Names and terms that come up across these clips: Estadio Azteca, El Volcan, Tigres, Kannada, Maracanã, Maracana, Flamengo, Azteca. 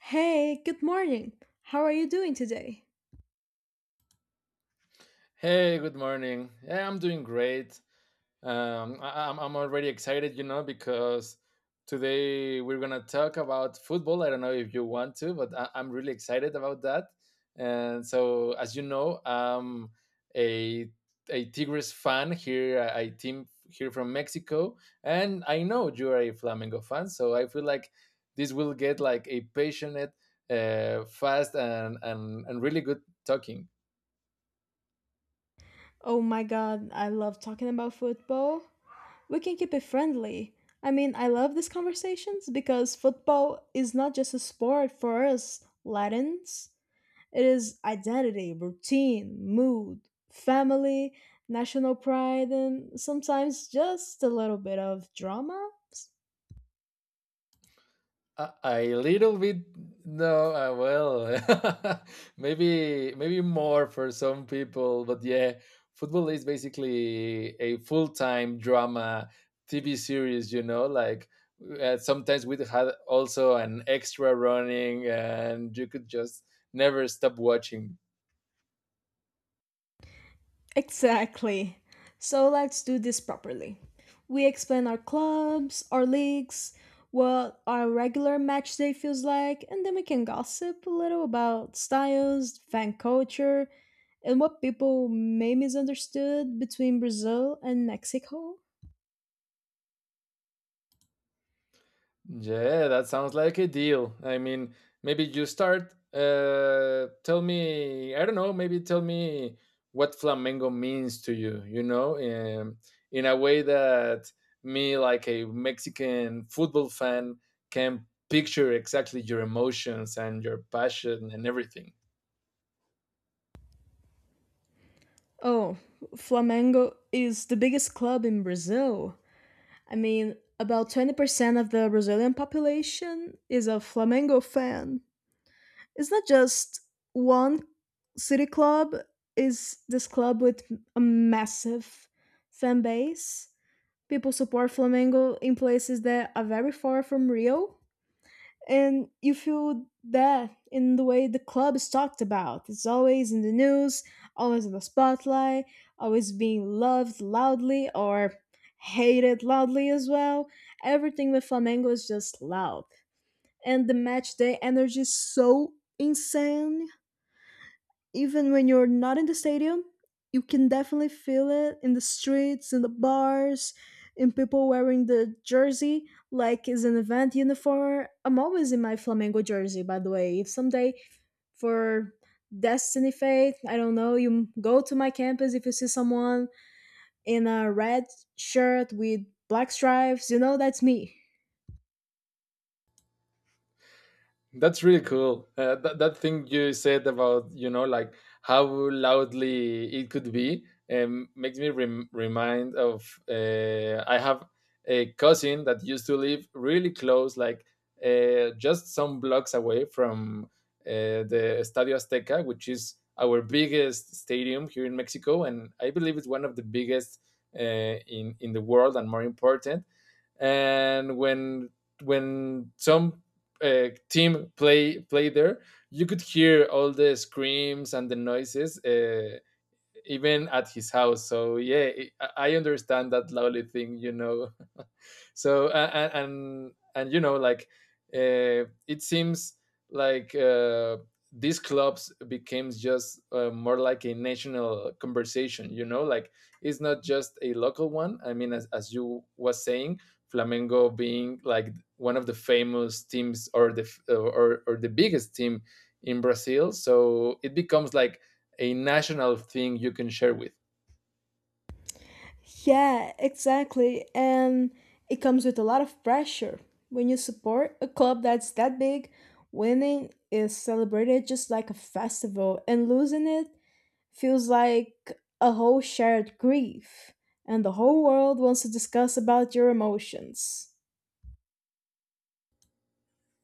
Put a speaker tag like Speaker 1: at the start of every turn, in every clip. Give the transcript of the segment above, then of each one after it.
Speaker 1: Hey, good morning. How are you doing today?
Speaker 2: Hey, good morning. Yeah, I'm doing great. I'm already excited, you know, because today we're gonna talk about football. I don't know if you want to, but I'm really excited about that. And so, as you know, I'm a a Tigres fan here. I team here from Mexico, and I know you're a Flamengo fan, so I feel like this will get like a passionate, fast, and really good talking.
Speaker 1: Oh my god, I love talking about football. We can keep it friendly. I mean, I love these conversations because football is not just a sport for us Latins, it is identity, routine, mood, family, national pride, and sometimes just a little bit of drama.
Speaker 2: A little bit, no, well, maybe more for some people, but yeah, football is basically a full-time drama TV series, you know, sometimes we had also an extra running and you could just never stop watching.
Speaker 1: Exactly. So let's do this properly. We explain our clubs, our leagues, what our regular match day feels like, and then we can gossip a little about styles, fan culture, and what people may misunderstood between Brazil and Mexico.
Speaker 2: Yeah, that sounds like a deal. I mean, maybe you start. Tell me, I don't know. Maybe tell me what flamenco means to you. You know, in a way that me, like a Mexican football fan, can picture exactly your emotions and your passion and everything.
Speaker 1: Oh, Flamengo is the biggest club in Brazil. I mean, about 20% of the Brazilian population is a Flamengo fan. It's not just one city club, is this club with a massive fan base. People support flamengo in places that are very far from rio, and you feel that in the way the club is talked about. It's always in the news, always in the spotlight, always being loved loudly or hated loudly as well. Everything with flamengo is just loud, and the match day energy is so insane. Even when you're not in the stadium, you can definitely feel it in the streets, in the bars, in people wearing the jersey like it's an event uniform. I'm always in my Flamengo jersey, by the way. If someday for Destiny Fate, I don't know, you go to my campus, if you see someone in a red shirt with black stripes, you know that's me.
Speaker 2: That's really cool. That thing you said about, you know, like how loudly it could be, makes me remind of, I have a cousin that used to live really close, like just some blocks away from, the Estadio Azteca, which is our biggest stadium here in Mexico, and I believe it's one of the biggest, in the world and more important, and when some, team play there, you could hear all the screams and the noises, even at his house. So yeah, I understand that lovely thing, you know. So and you know like it seems like these clubs became just more like a national conversation, you know, like it's not just a local one. I mean, as you was saying, flamengo being like one of the famous teams or the or the biggest team in brazil, so it becomes like a national thing you can share with.
Speaker 1: Yeah, exactly. And it comes with a lot of pressure. When you support a club that's that big, winning is celebrated just like a festival, and losing it feels like a whole shared grief. And the whole world wants to discuss about your emotions.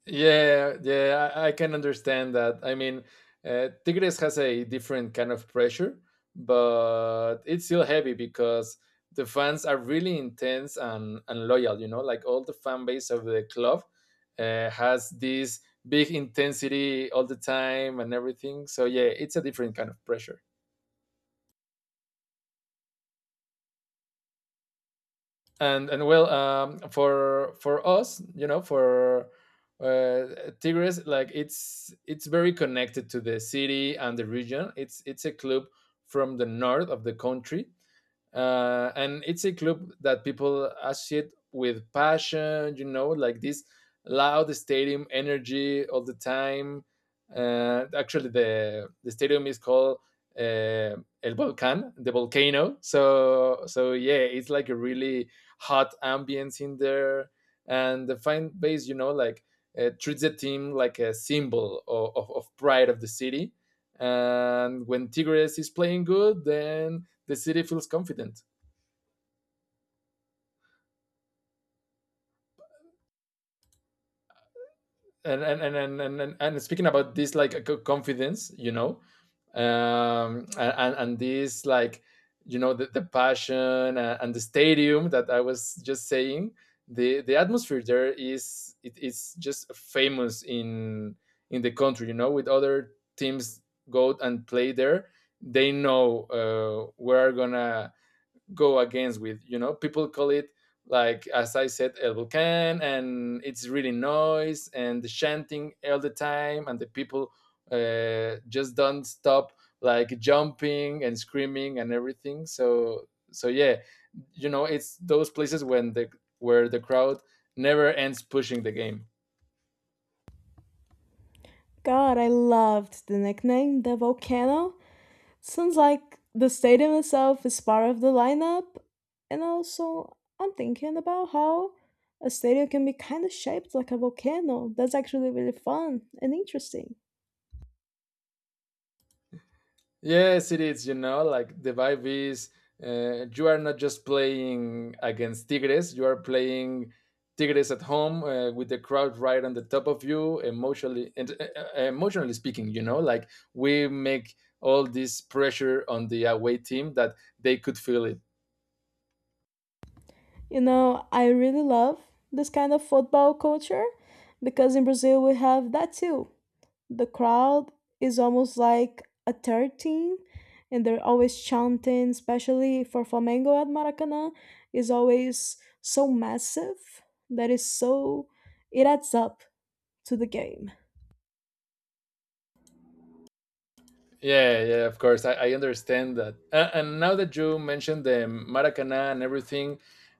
Speaker 2: Yeah, yeah, I can understand that. I mean, Tigres has a different kind of pressure, but it's still heavy because the fans are really intense and loyal, you know, like all the fan base of the club has this big intensity all the time and everything. So, yeah, it's a different kind of pressure. And well, um, for us, you know, for uh tigres like it's very connected to the city and the region. It's a club from the north of the country, and it's a club that people associate with passion, you know, like this loud stadium energy all the time. Actually, the stadium is called, uh, el volcan, the volcano. So so yeah, it's like a really hot ambience in there. And the fan base, you know, like treats the team like a symbol of pride of the city, and when tigres is playing good, then the city feels confident. And and speaking about this like confidence, you know, and this like, you know, the passion and the stadium that I was just saying. The atmosphere there, is it's just famous in the country. You know, with other teams go and play there, they know, we're gonna go against with, you know, people call it, like as I said, el volcan, and it's really noise, and the chanting all the time, and the people just don't stop like jumping and screaming and everything. So so yeah, you know, it's those places when the, where the crowd never ends pushing the game.
Speaker 1: God, I loved the nickname, the volcano. Sounds like the stadium itself is part of the lineup, and also I'm thinking about how a stadium can be kind of shaped like a volcano. That's actually really fun and interesting.
Speaker 2: Yes, it is. You know, like the vibe is, you are not just playing against Tigres, you are playing Tigres at home, with the crowd right on the top of you, emotionally and emotionally speaking. You know, like we make all this pressure on the away team that they could feel it.
Speaker 1: You know, I really love this kind of football culture because in Brazil we have that too. The crowd is almost like a third team, and they're always chanting, especially for Flamengo at Maracanã, is always so massive that is so it adds up to the game.
Speaker 2: Yeah, yeah, of course. I understand that. And now that you mentioned the Maracana and everything,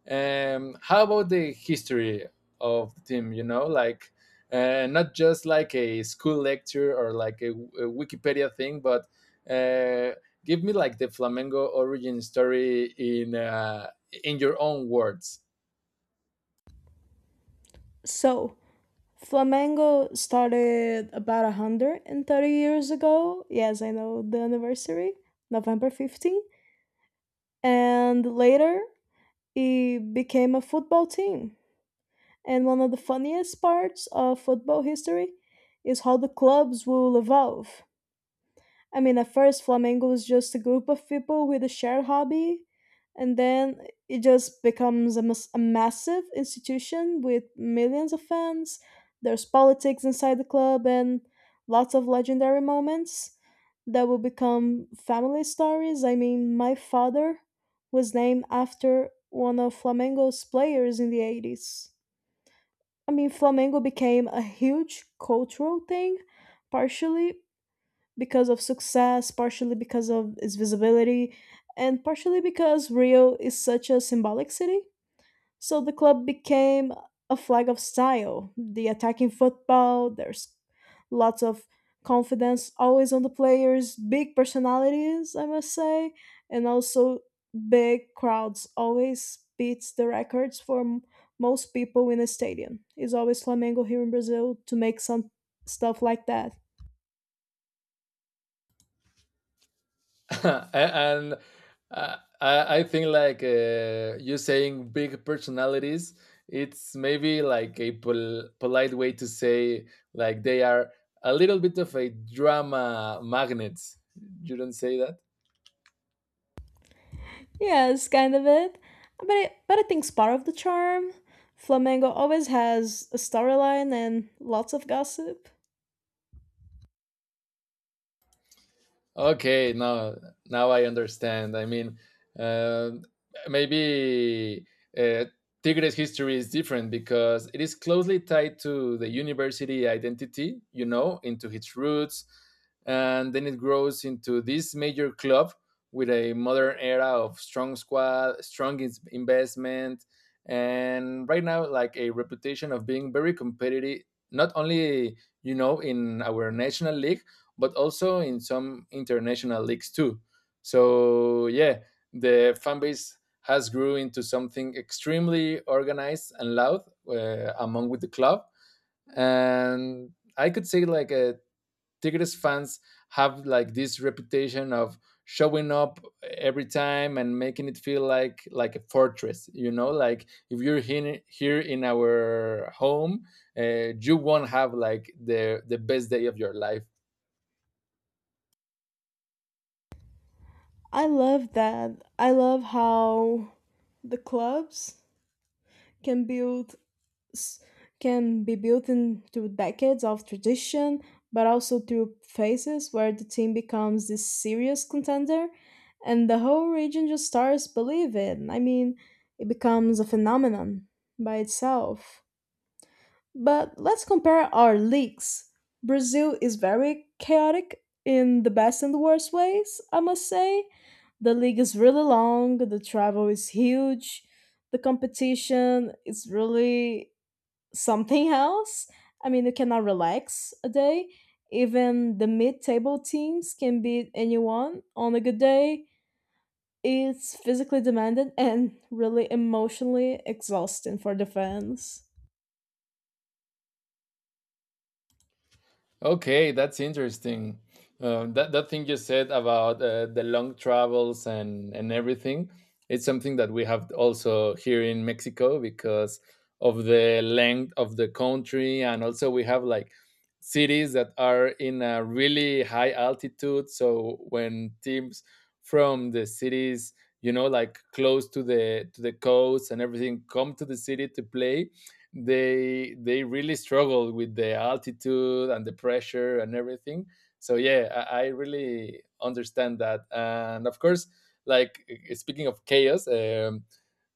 Speaker 2: how about the history of the team? You know, like not just like a school lecture or like a Wikipedia thing, but uh, give me like the Flamengo origin story in, in your own words.
Speaker 1: So Flamengo started about 130 years ago. Yes, I know the anniversary, November 15. And later, it became a football team. And one of the funniest parts of football history is how the clubs will evolve. I mean, at first, Flamengo was just a group of people with a shared hobby, and then it just becomes a massive institution with millions of fans. There's politics inside the club and lots of legendary moments that will become family stories. I mean, my father was named after one of Flamengo's players in the 80s. I mean, flamenco became a huge cultural thing, partially because of success, partially because of its visibility, and partially because Rio is such a symbolic city. So the club became a flag of style. The attacking football, there's lots of confidence always on the players, big personalities, I must say, and also big crowds always beats the records for most people in a stadium. It's always Flamengo here in Brazil to make some stuff like that.
Speaker 2: And uh, I think like you saying big personalities, it's maybe like a polite way to say like they are a little bit of a drama magnet. You don't say that.
Speaker 1: Yeah, it's kind of it. But I think it's part of the charm. Flamengo always has a storyline and lots of gossip.
Speaker 2: Okay, now now I understand. I mean, uh, maybe uh, Tigres history is different because it is closely tied to the university identity, you know, into its roots, and then it grows into this major club with a modern era of strong squad, strong investment, and right now like a reputation of being very competitive, not only, you know, in our national league, but also in some international leagues too. So yeah, the fan base has grew into something extremely organized and loud, among with the club, and I could say like, Tigres fans have like this reputation of showing up every time and making it feel like a fortress, you know, like if you're here in our home, you won't have like the best day of your life.
Speaker 1: I love that. I love how the clubs can build s- can be built into decades of tradition, but also through phases where the team becomes this serious contender, and the whole region just starts believing. I mean, it becomes a phenomenon by itself. But let's compare our leagues. Brazil is very chaotic in the best and the worst ways, I must say. The league is really long, the travel is huge, the competition is really something else. I mean, you cannot relax a day. Even the mid table teams can beat anyone on a good day. It's physically demanding and really emotionally exhausting for the fans.
Speaker 2: Okay, that's interesting. That thing you said about, the long travels and everything, it's something that we have also here in Mexico because of the length of the country, and also we have like cities that are in a really high altitude. So when teams from the cities, you know, like close to the coast and everything, come to the city to play, they really struggle with the altitude and the pressure and everything. So yeah, I really understand that. And of course like speaking of chaos,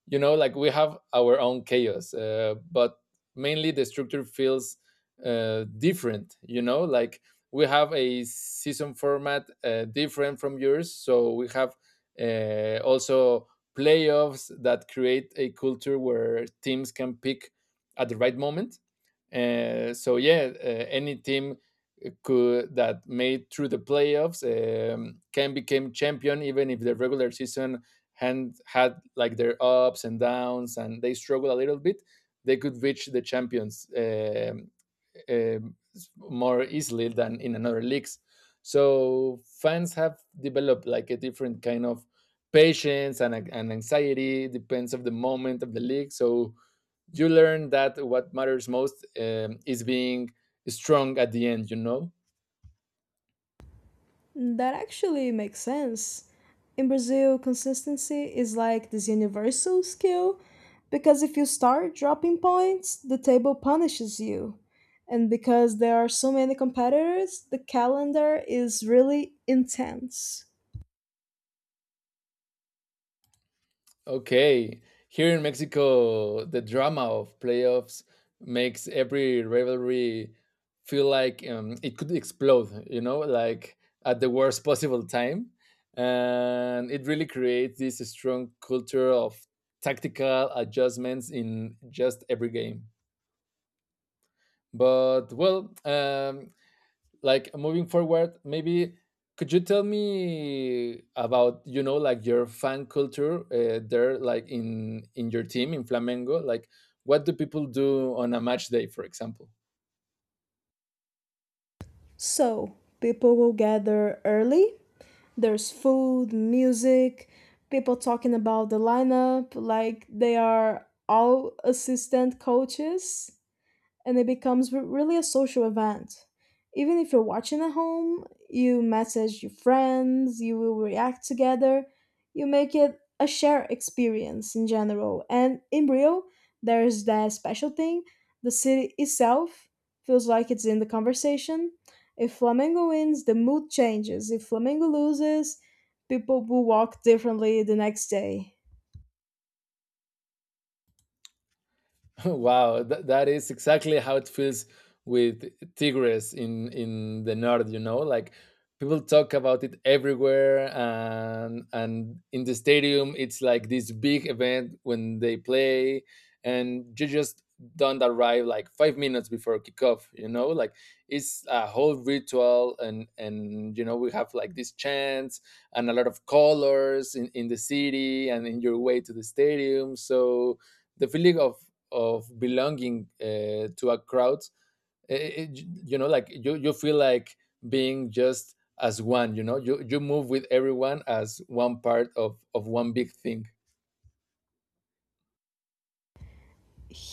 Speaker 2: you know like we have our own chaos, but mainly the structure feels, different, you know, like we have a season format, different from yours, so we have also playoffs that create a culture where teams can pick at the right moment. So yeah, any team could that made through the playoffs, can become champion even if the regular season had had like their ups and downs and they struggle a little bit, they could reach the champions, um, more easily than in another leagues. So fans have developed like a different kind of patience and anxiety depends of the moment of the league. So you learn that what matters most, is being strong at the end, you know?
Speaker 1: That actually makes sense. In Brazil, consistency is like this universal skill because if you start dropping points, the table punishes you. And because there are so many competitors, the calendar is really intense.
Speaker 2: Okay. Here in Mexico, the drama of playoffs makes every rivalry feel like, it could explode, you know, like at the worst possible time. And it really creates this strong culture of tactical adjustments in just every game. But well, like moving forward, maybe could you tell me about, you know, like your fan culture, there, like in your team, in flamengo, like what do people do on a match day, for example.
Speaker 1: So, people will gather early. There's food, music, people talking about the lineup, like they are all assistant coaches, and it becomes really a social event. Even if you're watching at home, you message your friends, you will react together, you make it a shared experience in general. And in Rio, there's that special thing, the city itself feels like it's in the conversation. If Flamengo wins, the mood changes. If Flamengo loses, people will walk differently the next day.
Speaker 2: Wow, that is exactly how it feels with Tigris in the north, you know? Like people talk about it everywhere, and in the stadium it's like this big event when they play, and you just don't arrive like 5 minutes before kickoff, you know? Like it's a whole ritual. And, you know, we have like this chants and a lot of colors in the city and in your way to the stadium. So the feeling of belonging, to a crowd, eh, eh, you know, like you feel like being just as one, you know, you move with everyone as one part of one big thing.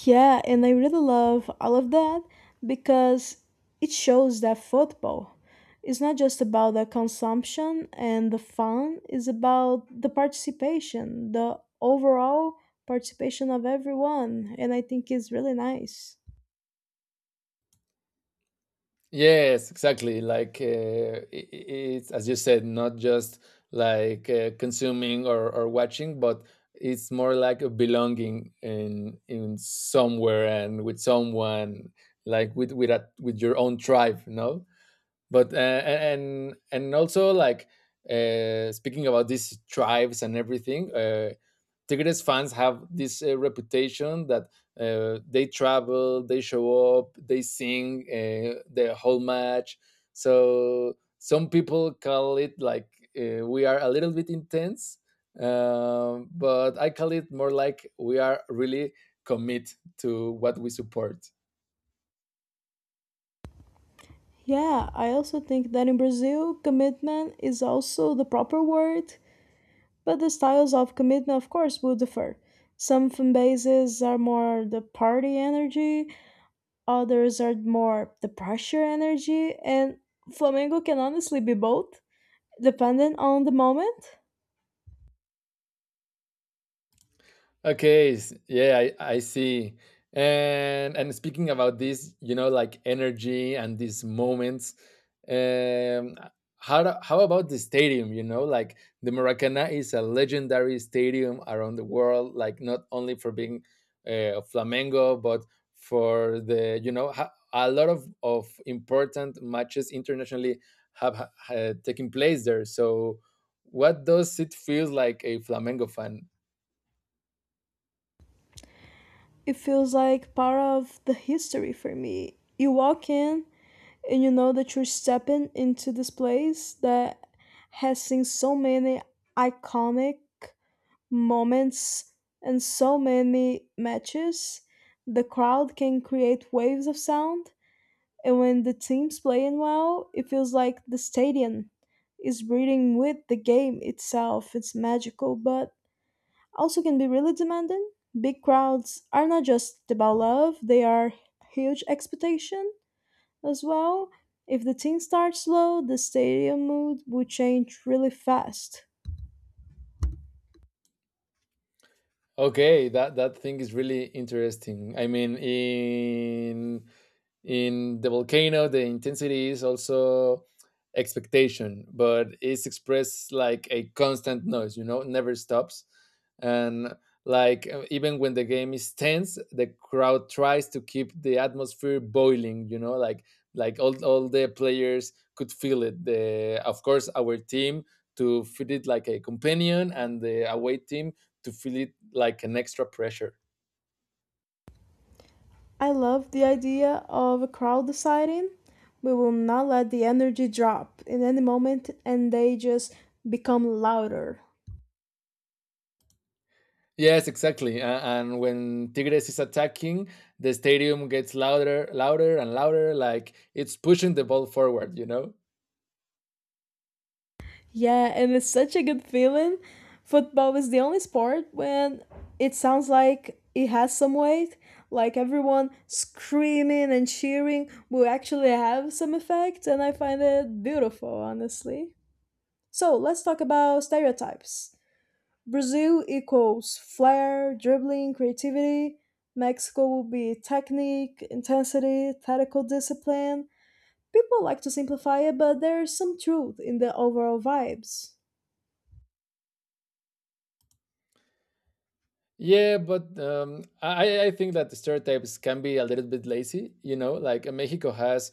Speaker 1: Yeah, and I really love all of that because it shows that football is not just about the consumption and the fun, it's about the participation, the overall participation of everyone, and I think it's really nice.
Speaker 2: Yes, exactly, like, i- i- it's as you said, not just like, consuming, or watching, but it's more like a belonging in somewhere and with someone, like with with your own tribe, no. But and also like, speaking about these tribes and everything, tigres fans have this, reputation that, they travel, they show up, they sing, the whole match. So some people call it like, we are a little bit intense, but I call it more like we are really commit to what we support.
Speaker 1: Yeah, I also think that in Brazil, commitment is also the proper word, but the styles of commitment, of course, will differ. Some fan bases are more the party energy, others are more the pressure energy, and flamengo can honestly be both dependent on the moment.
Speaker 2: Okay, yeah, I see. And speaking about this, you know, like energy and these moments, um, how about the stadium? You know, like the Maracana is a legendary stadium around the world, like not only for being, Flamengo, but for the, you know, a lot of important matches internationally have, taken place there. So, what does it feel like a Flamengo fan?
Speaker 1: It feels like part of the history for me. You walk in and you know that you're stepping into this place that has seen so many iconic moments and so many matches. The crowd can create waves of sound. And when the team's playing well, it feels like the stadium is breathing with the game itself. It's magical, but also can be really demanding. Big crowds are not just about love, they are huge expectation as well. If the team starts slow, the stadium mood will change really fast.
Speaker 2: Okay, that thing is really interesting. I mean, in the volcano, the intensity is also expectation, but it's expressed like a constant noise. You know, never stops, and even when the game is tense, the crowd tries to keep the atmosphere boiling. You know, like all the players could feel it. The of course our team to fit it like a companion, and the away team to feel it like an extra pressure.
Speaker 1: I love the idea of a crowd deciding we will not let the energy drop in any moment, and they just become louder.
Speaker 2: Yes, exactly. And when Tigres is attacking, the stadium gets louder, louder, and louder, like it's pushing the ball forward, you know?
Speaker 1: Yeah, and it's such a good feeling. Football is the only sport when it sounds like it has some weight, like everyone screaming and cheering will actually have some effect, and I find it beautiful, honestly. So let's talk about stereotypes. Brazil equals flair, dribbling, creativity. Mexico will be technique, intensity, tactical discipline. People like to simplify it, but there's some truth in the overall vibes.
Speaker 2: Yeah, but I think that the stereotypes can be a little bit lazy. You know, Mexico has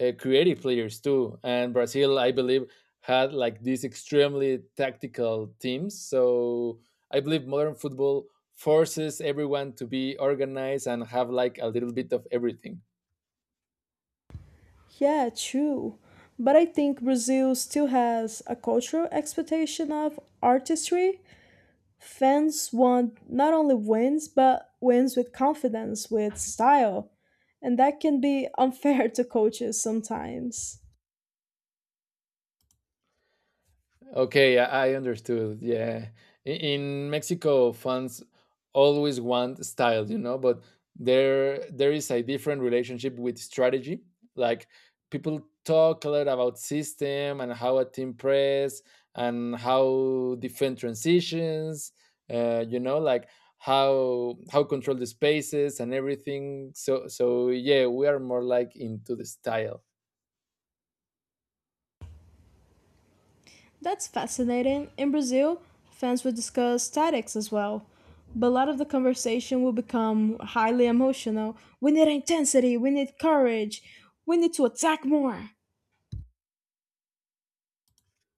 Speaker 2: creative players too, and Brazil, I believe, had like these extremely tactical teams. So I believe modern football forces everyone to be organized and have like a little bit of everything.
Speaker 1: Yeah, true. But I think Brazil still has a cultural expectation of artistry. Fans want not only wins, but wins with confidence, with style. And that can be unfair to coaches sometimes.
Speaker 2: Okay, I understood. Yeah. In Mexico, fans always want style, you know, but there is a different relationship with strategy. Like people talk a lot about system and how a team press and how defend transitions, you know, like how control the spaces and everything. So yeah, we are more like into the style.
Speaker 1: That's fascinating. In Brazil, fans will discuss tactics as well. But a lot of the conversation will become highly emotional. We need intensity, we need courage, we need to attack more.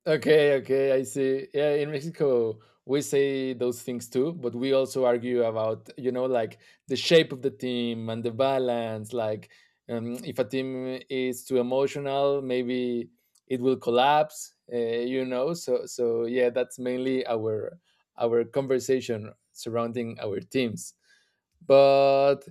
Speaker 2: Okay, okay, I see. Yeah, in Mexico we say those things too, but we also argue about, you know, like the shape of the team and the balance. Like, if a team is too emotional, maybe it will collapse. You know, so yeah, that's mainly our conversation surrounding our teams. But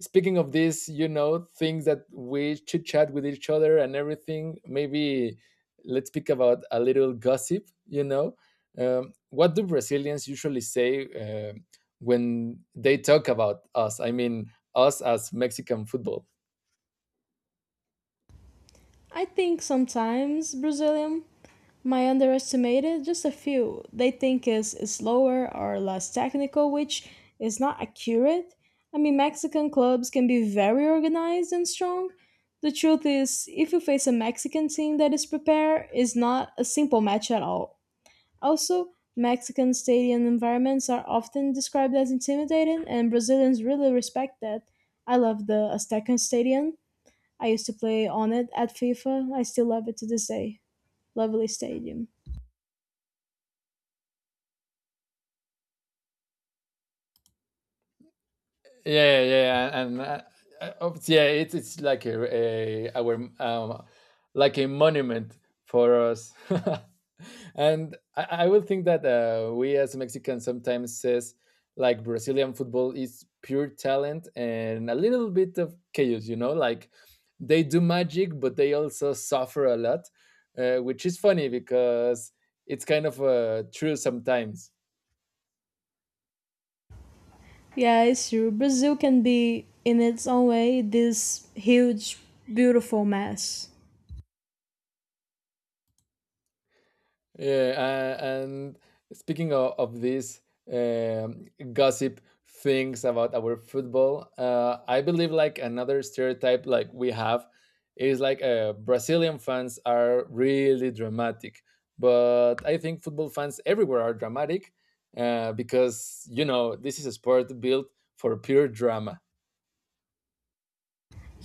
Speaker 2: speaking of this, you know, things that we chit chat with each other and everything, maybe let's speak about a little gossip. You know, what do Brazilians usually say when they talk about us? I mean, us as Mexican football.
Speaker 1: I think sometimes Brazilian my underestimated just a few. They think is slower or less technical, which is not accurate. I mean, mexican clubs can be very organized and strong. The truth is, if you face a mexican team that is prepared, is not a simple match at all. Also, mexican stadium environments are often described as intimidating, and brazilians really respect that. I love the aztecan stadium. I used to play on it at fifa. I still love it to this day. Lovely stadium.
Speaker 2: Yeah, yeah, yeah, yeah, and yeah, it's like a our like a monument for us, and I would think that we as Mexicans sometimes says like Brazilian football is pure talent and a little bit of chaos, you know, like they do magic, but they also suffer a lot, which is funny because it's kind of true sometimes.
Speaker 1: Yeah, it's true. Brazil can be, in its own way, this huge, beautiful mess.
Speaker 2: Yeah, and speaking of these gossip things about our football, I believe like another stereotype like we have is Brazilian fans are really dramatic, but I think football fans everywhere are dramatic because you know this is a sport built for pure drama.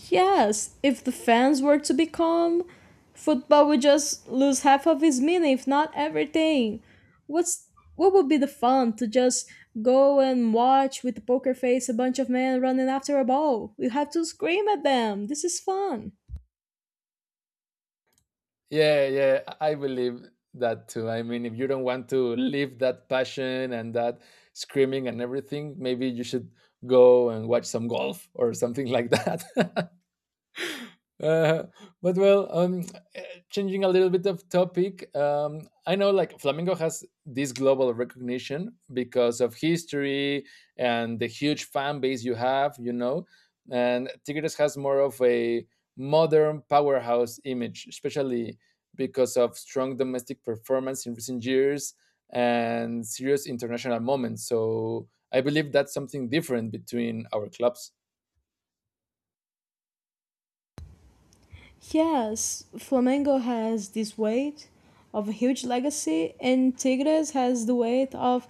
Speaker 1: Yes, if the fans were to be calm, football would just lose half of its meaning, if not everything. What's what would be the fun to just go and watch with a poker face a bunch of men running after a ball? You have to scream at them. This is fun.
Speaker 2: Yeah, yeah, I believe that too. I mean, if you don't want to live that passion and that screaming and everything, maybe you should go and watch some golf or something like that. Uh, but eh, changing a little bit of topic, I know like Flamengo has this global recognition because of history and the huge fan base you have, you know, and Tigres has more of a modern powerhouse image, especially because of strong domestic performance in recent years and serious international moments. So I believe that's something different between our clubs.
Speaker 1: Yes, Flamengo has this weight of a huge legacy, and Tigres has the weight of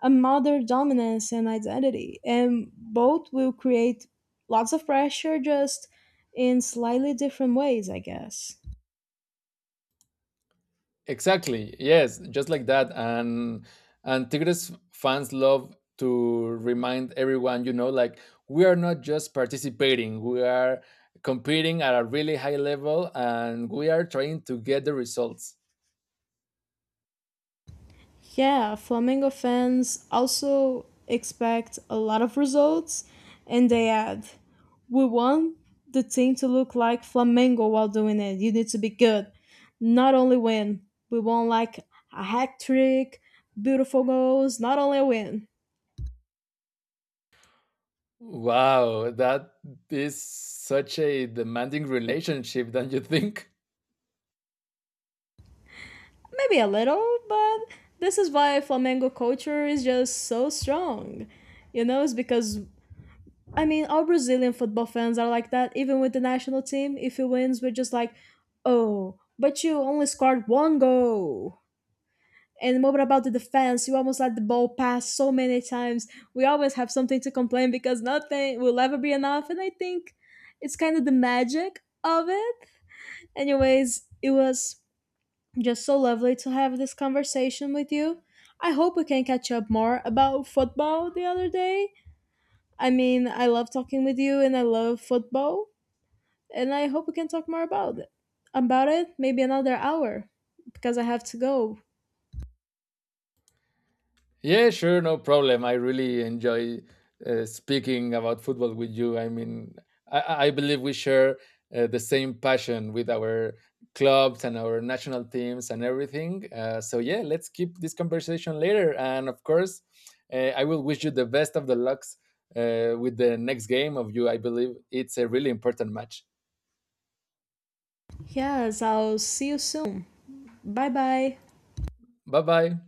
Speaker 1: a mother dominance and identity. And both will create lots of pressure, just in slightly different ways, I guess.
Speaker 2: Exactly. Yes, just like that. And Tigres fans love to remind everyone, you know, like we are not just participating, we are competing at a really high level and we are trying to get the results.
Speaker 1: Yeah, Flamengo fans also expect a lot of results, and they add, we want the team to look like Flamengo while doing it. You need to be good, not only win. We want like a hat trick, beautiful goals, not only a win.
Speaker 2: Wow, that is such a demanding relationship, don't you think?
Speaker 1: Maybe a little, but this is why Flamengo culture is just so strong. You know, it's because I mean, all Brazilian football fans are like that. Even with the national team, if it wins, we're just like, oh, but you only scored one goal. And what about the defense? You almost let the ball pass so many times. We always have something to complain because nothing will ever be enough. And I think it's kind of the magic of it. Anyways, it was just so lovely to have this conversation with you. I hope we can catch up more about football the other day. I mean, I love talking with you and I love football. And I hope we can talk more about it. About it, maybe another hour because I have to go.
Speaker 2: Yeah, sure, no problem. I really enjoy speaking about football with you. I mean, I believe we share the same passion with our clubs and our national teams and everything. So yeah, let's keep this conversation later. And of course, I will wish you the best of the lucks with the next game of you. I believe it's a really important match.
Speaker 1: Yes, I'll see you soon. Bye bye.
Speaker 2: Bye bye.